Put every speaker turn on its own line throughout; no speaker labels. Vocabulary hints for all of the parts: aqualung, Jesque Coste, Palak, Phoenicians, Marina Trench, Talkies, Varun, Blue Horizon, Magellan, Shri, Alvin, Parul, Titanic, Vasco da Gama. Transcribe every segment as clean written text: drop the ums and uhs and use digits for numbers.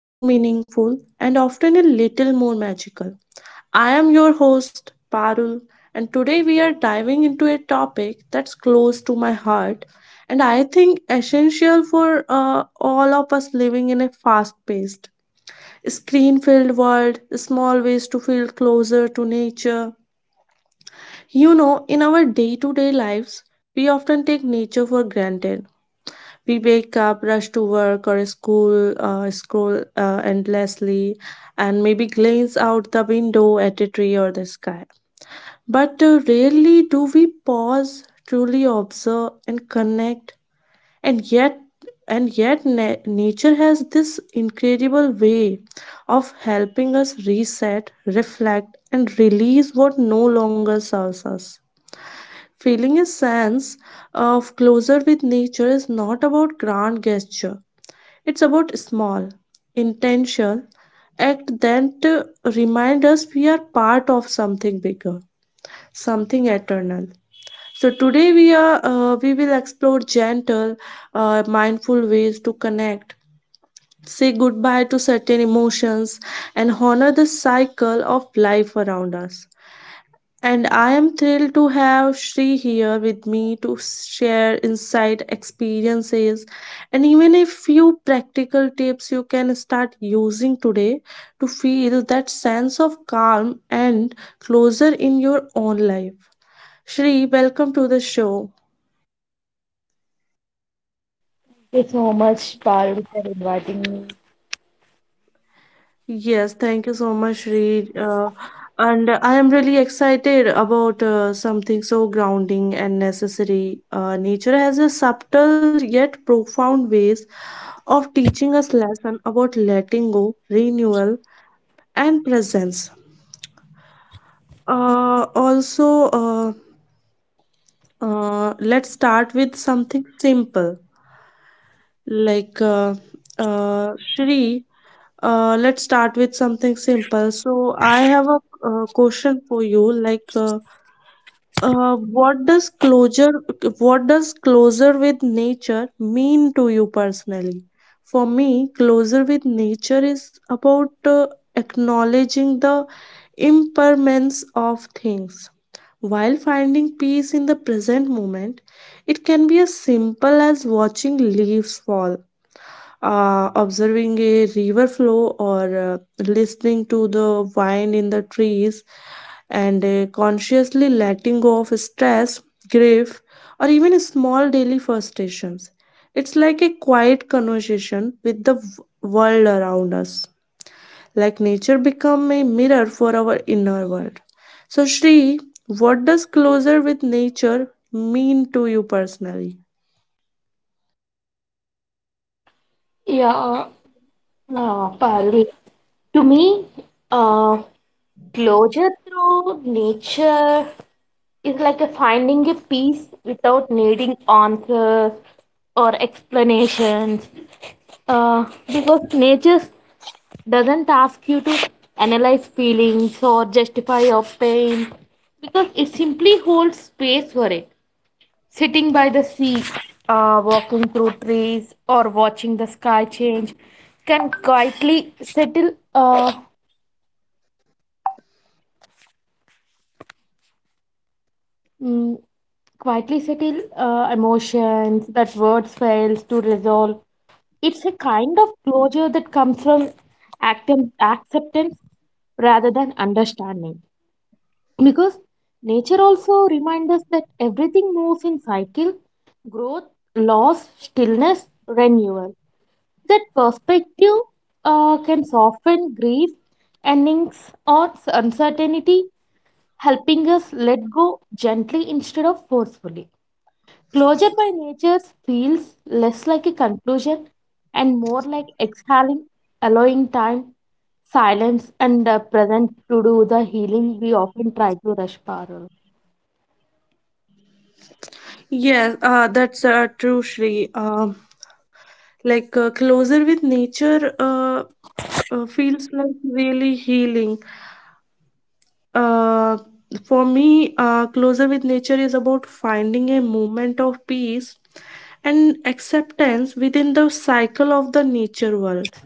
more meaningful, and often a little more magical. I am your host, Parul, and today we are diving into a topic that's close to my heart and I think essential for all of us living in a fast paced screen filled world, small ways to feel closer to nature. You know, in our day to day lives, we often take nature for granted. We wake up, rush to work or school, scroll endlessly, and maybe glance out the window at a tree or the sky. But rarely do we pause, truly observe, and connect. And yet and yet na- nature has this incredible way of helping us reset, reflect, and release what no longer serves us. Feeling a sense of closer with nature is not about grand gesture, it's about small, intentional act that remind us we are part of something bigger, something eternal. So today we will explore gentle, mindful ways to connect, say goodbye to certain emotions, and honor the cycle of life around us. And I am thrilled to have Shri here with me to share insight, experiences, and even a few practical tips you can start using today to feel that sense of calm and closer in your own life. Shri, welcome to the show.
Thank you so much, Parul, for inviting me.
Yes, thank you so much, Reed. And I am really excited about something so grounding and necessary. Nature has a subtle yet profound ways of teaching us lesson about letting go, renewal, and presence. Uh, also, uh, let's start with something simple like uh, Shri. Let's start with something simple. So I have a question for you. What does closure with nature mean to you personally? For me, closure with nature is about acknowledging the impermanence of things while finding peace in the present moment. It can be as simple as watching leaves fall, observing a river flow, or listening to the wind in the trees, and consciously letting go of stress, grief, or even small daily frustrations. It's like a quiet conversation with the world around us, like nature become a mirror for our inner world. So Shri, what does closer with nature mean to you personally?
Yeah, Parul. To me, uh, closure through nature is like a finding a peace without needing answers or explanations. Because nature doesn't ask you to analyze feelings or justify your pain, because it simply holds space for it. Sitting by the sea, walking through trees, or watching the sky change can quietly mm, settle emotions that words fails to resolve. It's a kind of closure that comes from acceptance rather than understanding. Because nature also reminds us that everything moves in cycle, growth, loss, stillness, renewal. That perspective can soften grief, endings, or uncertainty, helping us let go gently instead of forcefully. Closure by nature feels less like a conclusion and more like exhaling, allowing time, silence, and the present to do the healing we often try to rush, Parul.
Yes, that's true, Shri. Closer with nature feels like really healing. Uh, for me, closer with nature is about finding a moment of peace and acceptance within the cycle of the nature world.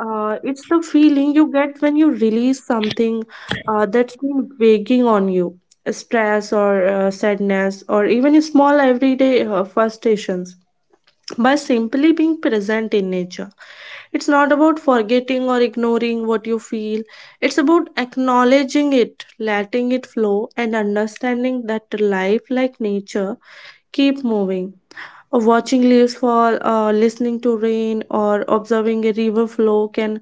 It's the feeling you get when you release something that's been weighing on you, stress or sadness, or even small everyday frustrations, by simply being present in nature. It's not about forgetting or ignoring what you feel, it's about acknowledging it, letting it flow, and understanding that life, like nature, keep moving. Watching leaves fall, listening to rain, or observing a river flow can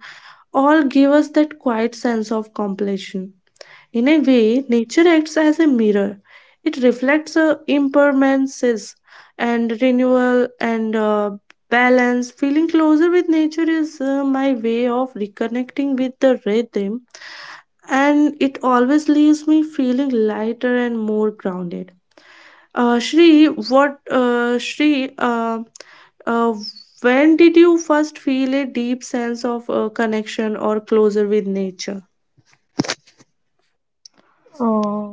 all give us that quiet sense of completion. In a way, nature acts as a mirror. It reflects impermanences and renewal and balance. Feeling closer with nature is my way of reconnecting with the rhythm, and it always leaves me feeling lighter and more grounded. Shri, uh, when did you first feel a deep sense of connection or closer with nature?
Uh,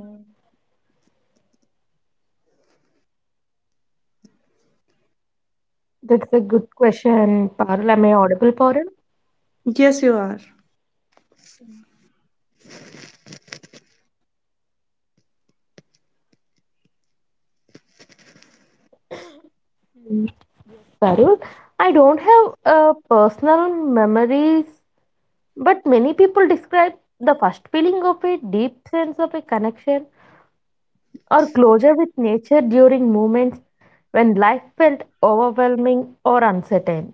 that's a good question, Parul. Am I audible, Parul?
Yes, you are.
Varun, I don't have personal memories, but many people describe the first feeling of a deep sense of a connection or closure with nature during moments when life felt overwhelming or uncertain.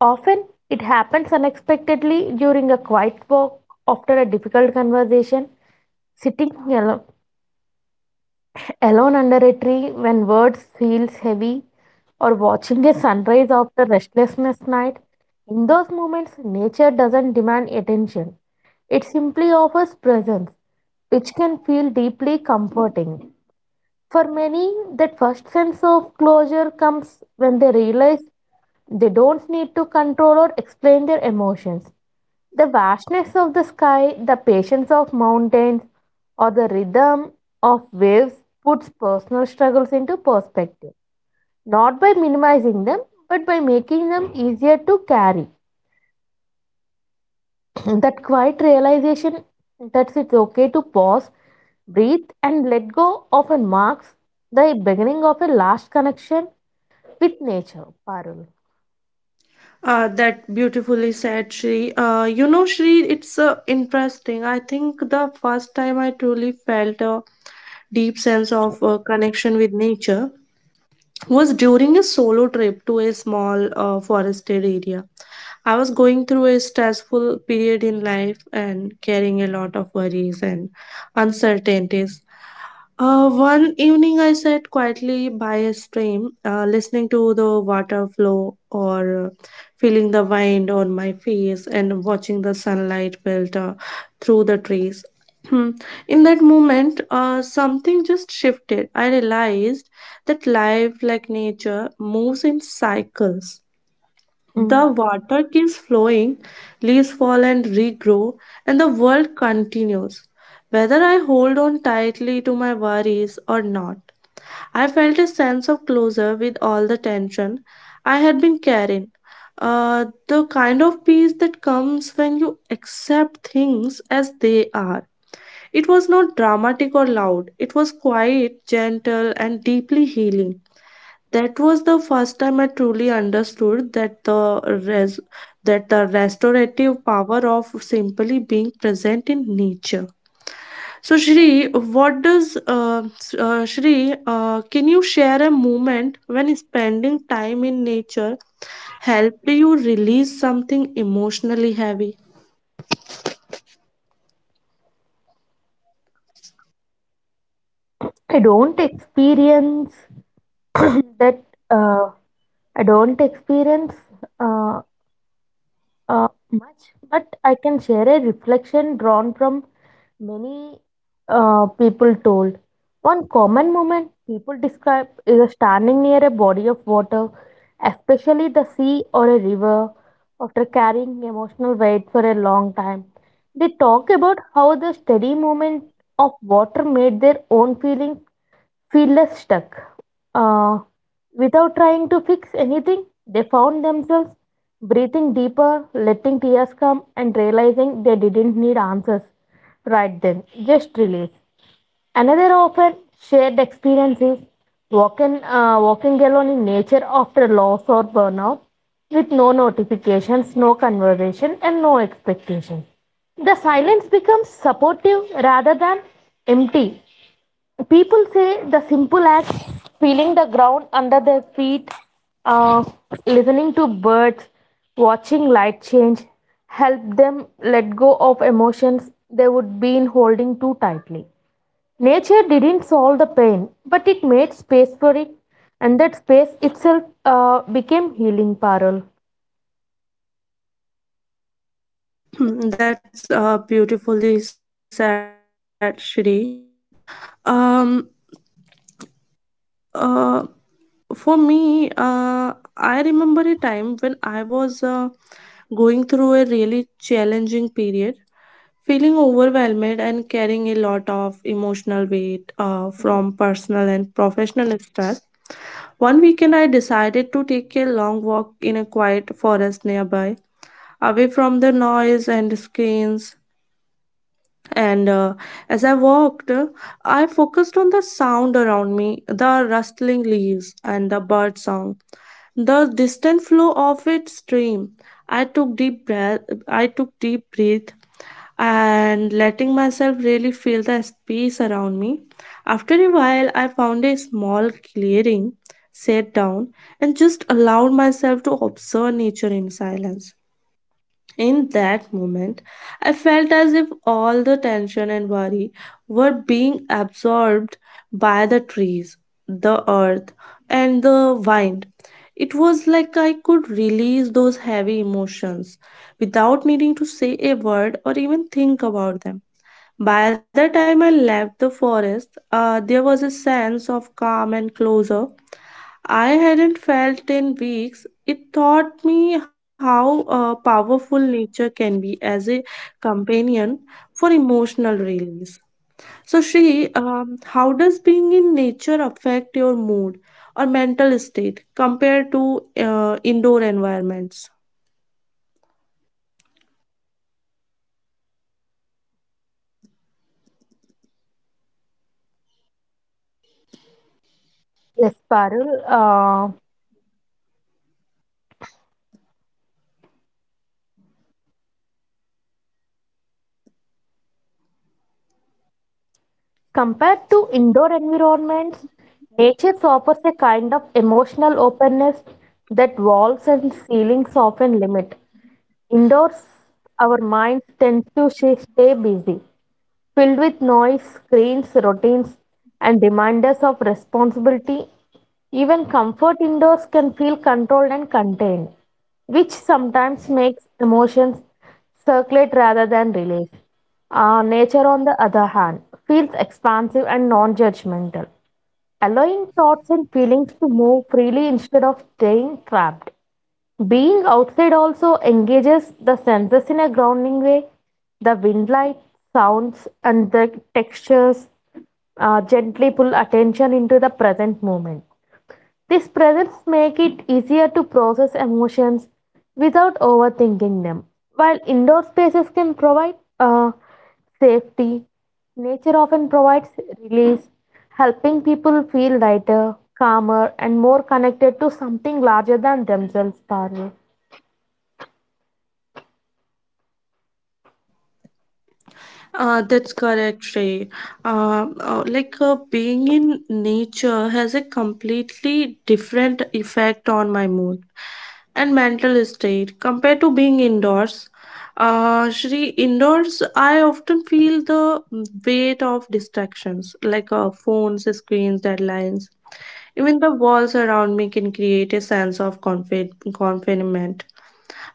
Often, it happens unexpectedly during a quiet walk after a difficult conversation, sitting alone under a tree when words feels heavy, or watching a sunrise after restlessness night. In those moments nature doesn't demand attention, it simply offers presence, which can feel deeply comforting. For many, that first sense of closure comes when they realize they don't need to control or explain their emotions. The vastness of the sky, the patience of mountains, or the rhythm of waves puts personal struggles into perspective, not by minimizing them, but by making them easier to carry. That quiet realization that it's okay to pause, breathe, and let go often marks the beginning of a last connection with nature, Parul.
That beautifully said, Shri. You know, Shri, it's interesting. I think the first time I truly felt a deep sense of connection with nature was during a solo trip to a small forested area. I was going through a stressful period in life and carrying a lot of worries and uncertainties. One evening, I sat quietly by a stream, listening to the water flow or feeling the wind on my face and watching the sunlight filter through the trees. In that moment, something just shifted. I realized that life, like nature, moves in cycles. The
Mm.
water keeps flowing, leaves fall and regrow, and the world continues. Whether I hold on tightly to my worries or not, I felt a sense of closure with all the tension I had been carrying. The kind of peace that comes when you accept things as they are. It was not dramatic or loud, it was quiet, gentle, and deeply healing. That was the first time I truly understood that the restorative power of simply being present in nature. So, Shri, what does Shri? Can you share a moment when spending time in nature helped you release something emotionally heavy?
I don't experience that. Uh, I don't experience uh, much, but I can share a reflection drawn from many people told. One common moment people describe is a standing near a body of water, especially the sea or a river, after carrying emotional weight for a long time. They talk about how the steady movement of water made their own feel less stuck. Uh, without trying to fix anything, they found themselves breathing deeper, letting tears come, and realizing they didn't need answers right then, just release. Another often shared experience is walking alone in nature after loss or burnout, with no notifications, no conversation, and no expectation. The silence becomes supportive rather than empty. People say the simple act, feeling the ground under their feet, uh, listening to birds, watching light change, help them let go of emotions they would been holding too tightly. Nature didn't solve the pain, but it made space for it, and that space itself became healing, Parul.
That's beautifully said, Shri. Um, uh, for me, I remember a time when I was going through a really challenging period, feeling overwhelmed and carrying a lot of emotional weight from personal and professional stress. One weekend, I decided to take a long walk in a quiet forest nearby, away from the noise and screens. And as I walked, I focused on the sound around me, the rustling leaves, and the bird song, the distant flow of its stream. I took deep breath. I took deep breath and letting myself really feel the space around me. After a while, I found a small clearing, sat down, and just allowed myself to observe nature in silence. In that moment, I felt as if all the tension and worry were being absorbed by the trees, the earth, and the wind. It was like I could release those heavy emotions without needing to say a word or even think about them. By the time I left the forest, there was a sense of calm and closure I hadn't felt in weeks. It taught me how powerful nature can be as a companion for emotional release. So, Shri, how does being in nature affect your mood or mental state compared to indoor environments?
Yes, Parul. Compared to indoor environments, nature offers a kind of emotional openness that walls and ceilings often limit. Indoors, our minds tend to stay busy, filled with noise, screens, routines, and reminders of responsibility. Even comfort indoors can feel controlled and contained, which sometimes makes emotions circulate rather than release. Nature, on the other hand, feels expansive and non judgmental, allowing thoughts and feelings to move freely instead of staying trapped. Being outside also engages the senses in a grounding way. The wind light, sounds, and the textures gently pull attention into the present moment. This presence make it easier to process emotions without overthinking them. While indoor spaces can provide safety, nature often provides release, helping people feel lighter, calmer, and more connected to something larger than themselves, Parul.
That's correct, Shrey. Being in nature has a completely different effect on my mood and mental state compared to being indoors. Shri, indoors, I often feel the weight of distractions like phones, screens, deadlines. Even the walls around me can create a sense of confinement.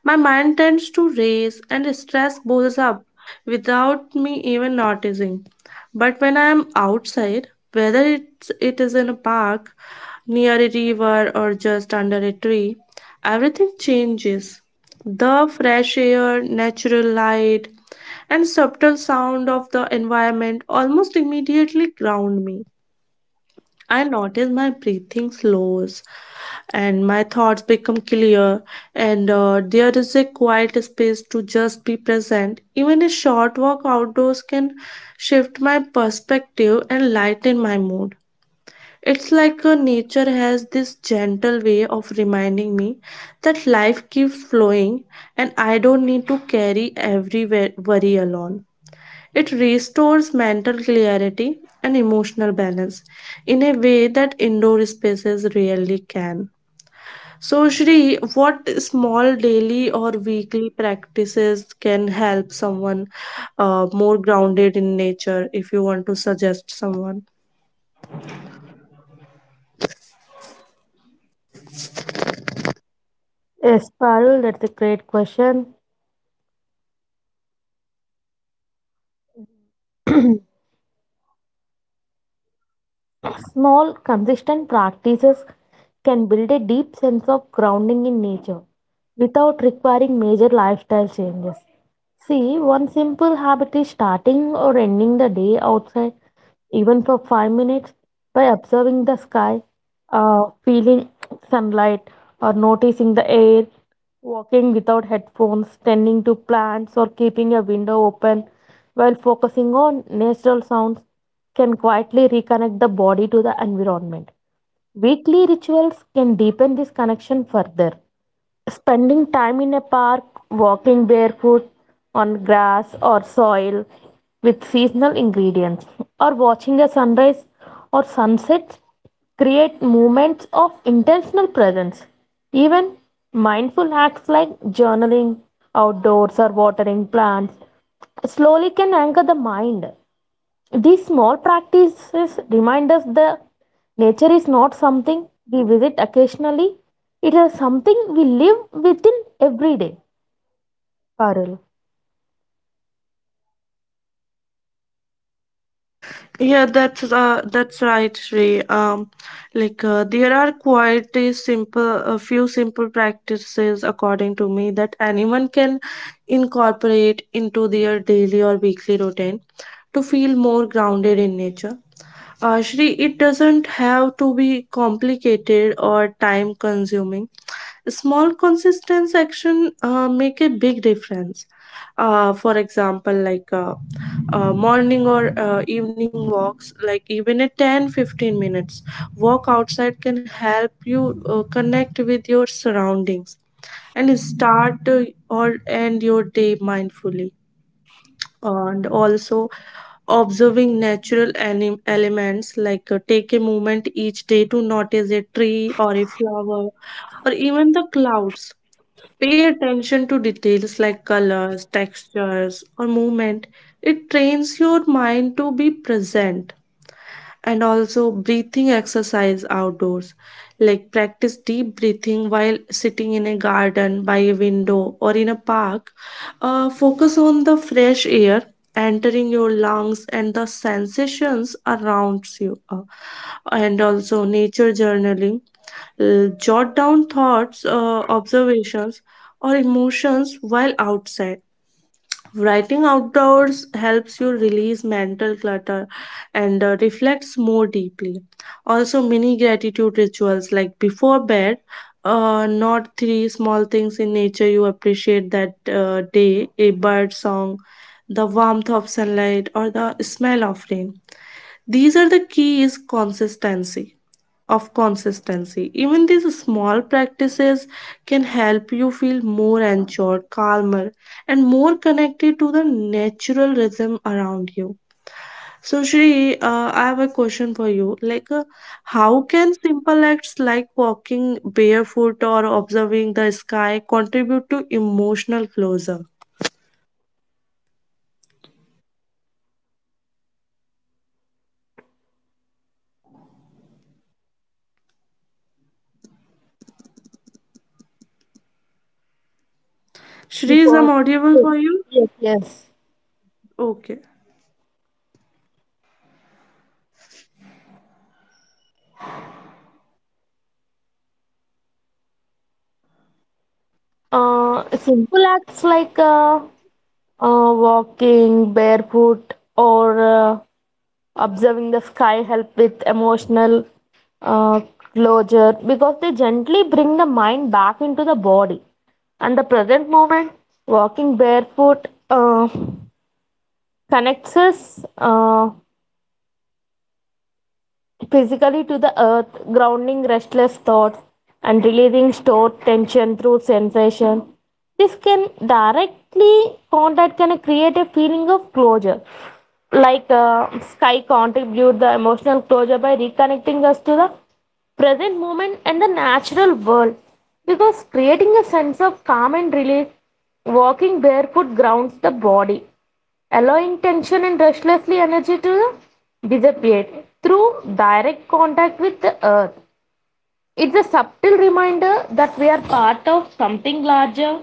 My mind tends to race and stress boils up without me even noticing. But when I am outside, whether it is in a park, near a river, or just under a tree, everything changes. The fresh air, natural light, and subtle sound of the environment almost immediately ground me. I notice my breathing slows and my thoughts become clear, and there is a quiet space to just be present. Even a short walk outdoors can shift my perspective and lighten my mood. It's like nature has this gentle way of reminding me that life keeps flowing and I don't need to carry every worry alone. It restores mental clarity and emotional balance in a way that indoor spaces rarely can. So, Shri, what small daily or weekly practices can help someone more grounded in nature if you want to suggest someone?
Yes, Parul, that's a great question. Small, consistent practices can build a deep sense of grounding in nature without requiring major lifestyle changes. See, one simple habit is starting or ending the day outside, even for 5 minutes, by observing the sky, feeling sunlight, or noticing the air. Walking without headphones, tending to plants, or keeping a window open while focusing on natural sounds can quietly reconnect the body to the environment. Weekly rituals can deepen this connection further. Spending time in a park, walking barefoot on grass or soil with seasonal ingredients, or watching a sunrise or sunset create moments of intentional presence. Even mindful acts like journaling, outdoors, or watering plants slowly can anchor the mind. These small practices remind us that nature is not something we visit occasionally, it is something we live within every day, Parul.
Yeah, that's right, Shri. There are a few simple practices, according to me, that anyone can incorporate into their daily or weekly routine to feel more grounded in nature. Shri, it doesn't have to be complicated or time consuming. Small consistent action make a big difference. For example, morning or evening walks, like even a 10-15 minutes walk outside can help you connect with your surroundings and start or end your day mindfully. And also, observing natural elements, like take a moment each day to notice a tree or a flower or even the clouds. Pay attention to details like colors, textures, or movement. It trains your mind to be present. And also breathing exercise outdoors, like practice deep breathing while sitting in a garden by a window or in a park, focus on the fresh air entering your lungs and the sensations around you. And also nature journaling. Jot down thoughts, observations, or emotions while outside. Writing outdoors helps you release mental clutter and reflects more deeply. Also, mini gratitude rituals, like before bed, not three small things in nature you appreciate that day, a bird song, the warmth of sunlight, or the smell of rain. These are the keys consistency of consistency. Even these small practices can help you feel more anchored, calmer, and more connected to the natural rhythm around you. So, Shri, I have a question for you. How can simple acts like walking barefoot or observing the sky contribute to emotional closure? Shri, is I'm
Because,
audible
yes,
for you?
yes, yes.
Okay.
Simple acts like walking barefoot or observing the sky help with emotional uh, closure because they gently bring the mind back into the body and the present moment. Walking barefoot connects us physically to the earth, grounding restless thoughts and releasing stored tension through sensation. This can directly contact can create a feeling of closure. Like sky contribute the emotional closure by reconnecting us to the present moment and the natural world. Because creating a sense of calm and release, walking barefoot grounds the body, allowing tension and restlessly energy to dissipate through direct contact with the earth. It's a subtle reminder that we are part of something larger,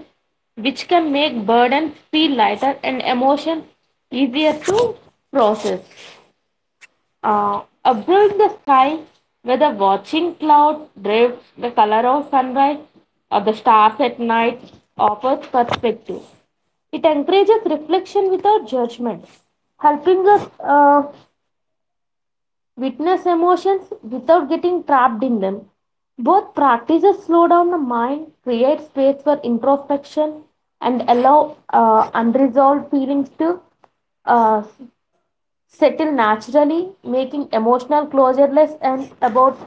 which can make burdens feel lighter and emotions easier to process. Above the sky, where the watching cloud drapes the color of sunrise or the stars at night, offers perspective. It encourages reflection without judgment, helping us witness emotions without getting trapped in them. Both practices slow down the mind, create space for introspection, and allow unresolved feelings to uh, settle naturally, making emotional closure less and about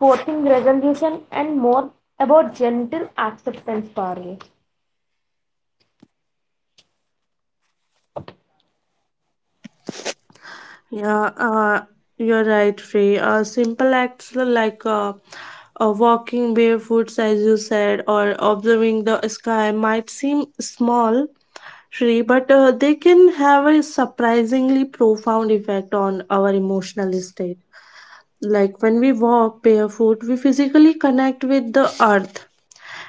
forcing resolution and more about gentle acceptance, Parul.
Yeah, you're right, Free. Simple acts like walking barefoot, as you said, or observing the sky might seem small, Free, but they can have a surprisingly profound effect on our emotional state. Like when we walk barefoot, we physically connect with the earth,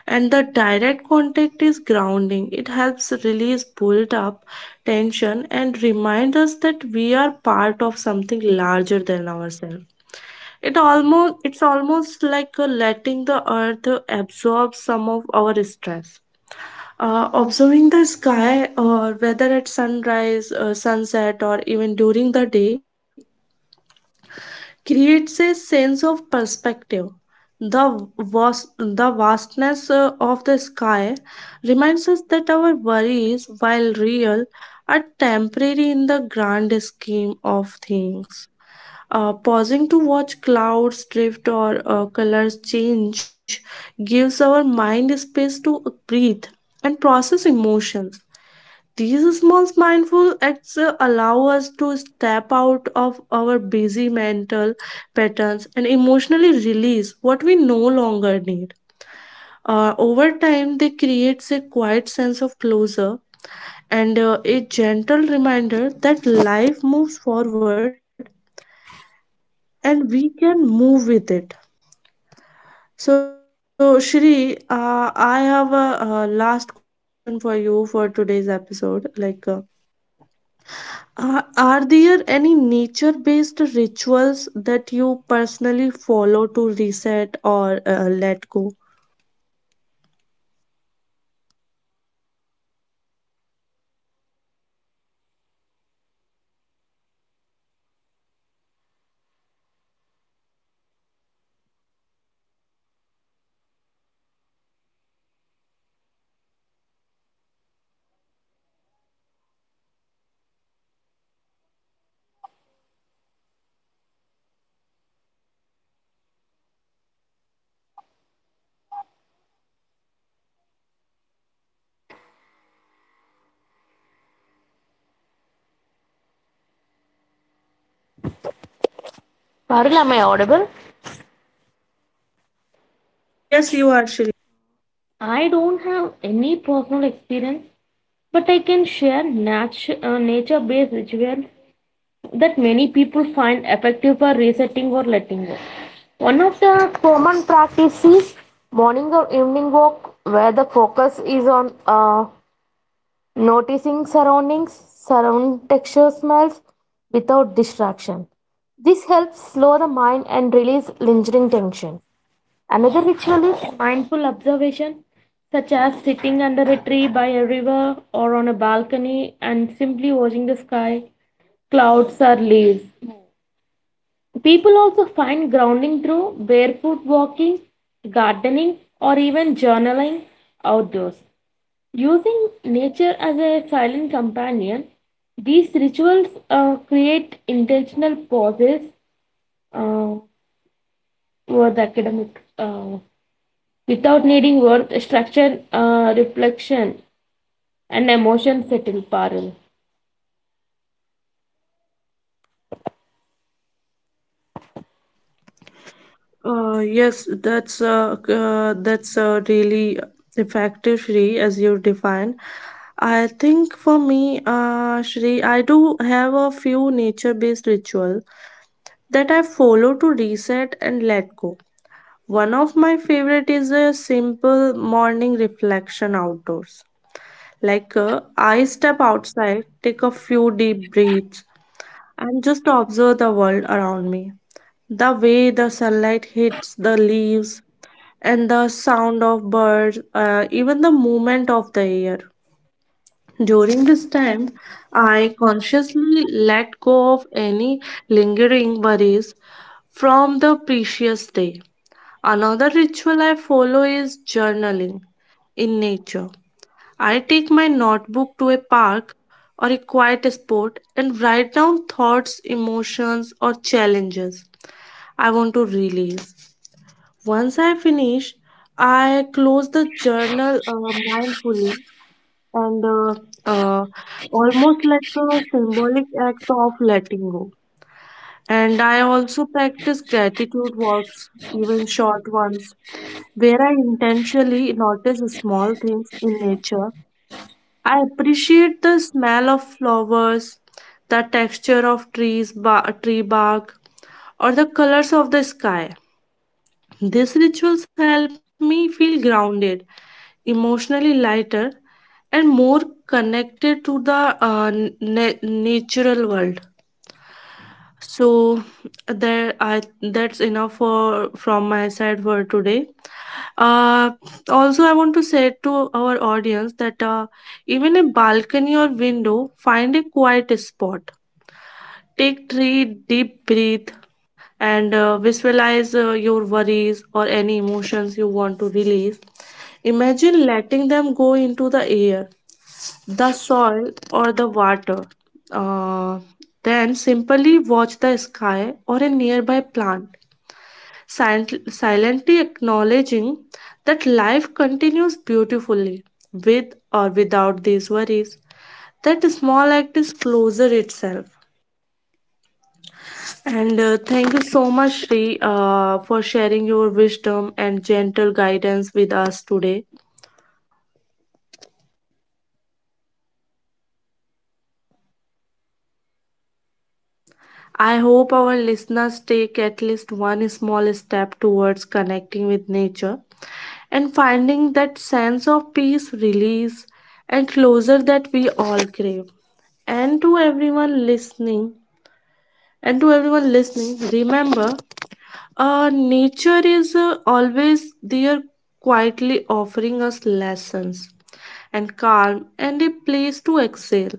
and the direct contact is grounding. It helps release built up tension and remind us that we are part of something larger than ourselves. It's almost like letting the earth absorb some of our stress. Observing the sky, or whether at sunrise, sunset, or even during the day, creates a sense of perspective. The vastness of the sky reminds us that our worries, while real, are temporary in the grand scheme of things. Pausing to watch clouds drift or colors change gives our mind space to breathe and process emotions. These small mindful acts allow us to step out of our busy mental patterns and emotionally release what we no longer need. Over time, they creates a quiet sense of closure and a gentle reminder that life moves forward and we can move with it. So, Shri, I have a, last question for you for today's episode. Are there any nature based rituals that you personally follow to reset or let go?
Parul, am I audible?
Yes, you are, Shil.
I don't have any personal experience, but I can share nature based rituals that many people find effective for resetting or letting go. One of the common practices is morning or evening walk where the focus is on noticing surroundings, surround texture smells without distraction. This helps slow the mind and release lingering tension. Another ritual is mindful observation, such as sitting under a tree by a river or on a balcony and simply watching the sky, clouds, or leaves. People also find grounding through barefoot walking, gardening, or even journaling outdoors. Using nature as a silent companion, these rituals create intentional pauses uh, for the academic without needing word structure, reflection, and emotion setting parallel.
Yes, that's that's really effective, Shri, as you define. I think for me, Shri, I do have a few nature-based ritual that I follow to reset and let go. One of my favorite is a simple morning reflection outdoors. I step outside, take a few deep breaths, and just observe the world around me. The way the sunlight hits the leaves, and the sound of birds, even the movement of the air. During this time, I consciously let go of any lingering worries from the previous day. Another ritual I follow is journaling in nature. I take my notebook to a park or a quiet spot and write down thoughts, emotions, or challenges I want to release. Once I finish, I close the journal mindfully, and uh, almost like a symbolic act of letting go. And I also practice gratitude walks, even short ones, where I intentionally notice small things in nature. I appreciate the smell of flowers, the texture of trees, tree bark, or the colors of the sky. These rituals help me feel grounded, emotionally lighter, and more connected to the natural world. So there I that's enough for from my side for today. Uh, Also, I want to say to our audience that even a balcony or window, find a quiet spot. Take three deep breath and visualize your worries or any emotions you want to release. Imagine letting them go into the air, the soil, or the water. Uh, then simply watch the sky or a nearby plant, silently acknowledging that life continues beautifully with or without these worries. That small act is closer itself. And thank you so much, Sri, for sharing your wisdom and gentle guidance with us today. I hope our listeners take at least one small step towards connecting with nature and finding that sense of peace, release, and closure that we all crave. And to everyone listening, and to everyone listening, remember, nature is always there, quietly offering us lessons and calm and a place to excel.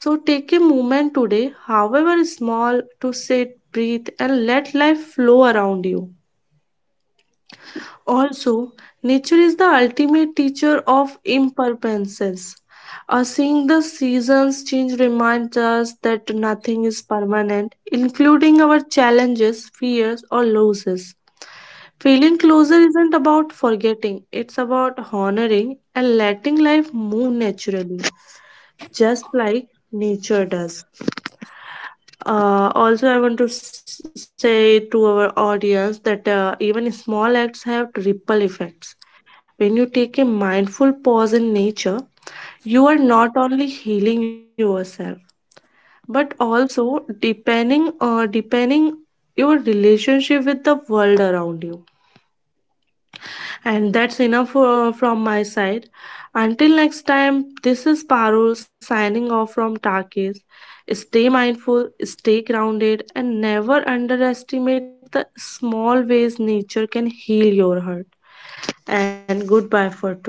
So take a moment today, however small, to sit, breathe, and let life flow around you. Also, nature is the ultimate teacher of impermanences. Seeing the seasons change reminds us that nothing is permanent, including our challenges, fears, or losses. Feeling closer isn't about forgetting, it's about honoring and letting life move naturally, just like nature does. Also, I want to say to our audience that even small acts have ripple effects. When you take a mindful pause in nature, you are not only healing yourself, but also deepening your relationship with the world around you. And that's enough for, from my side. Until next time, this is Parul signing off from Takis. Stay mindful, stay grounded, and never underestimate the small ways nature can heal your heart. And goodbye for today.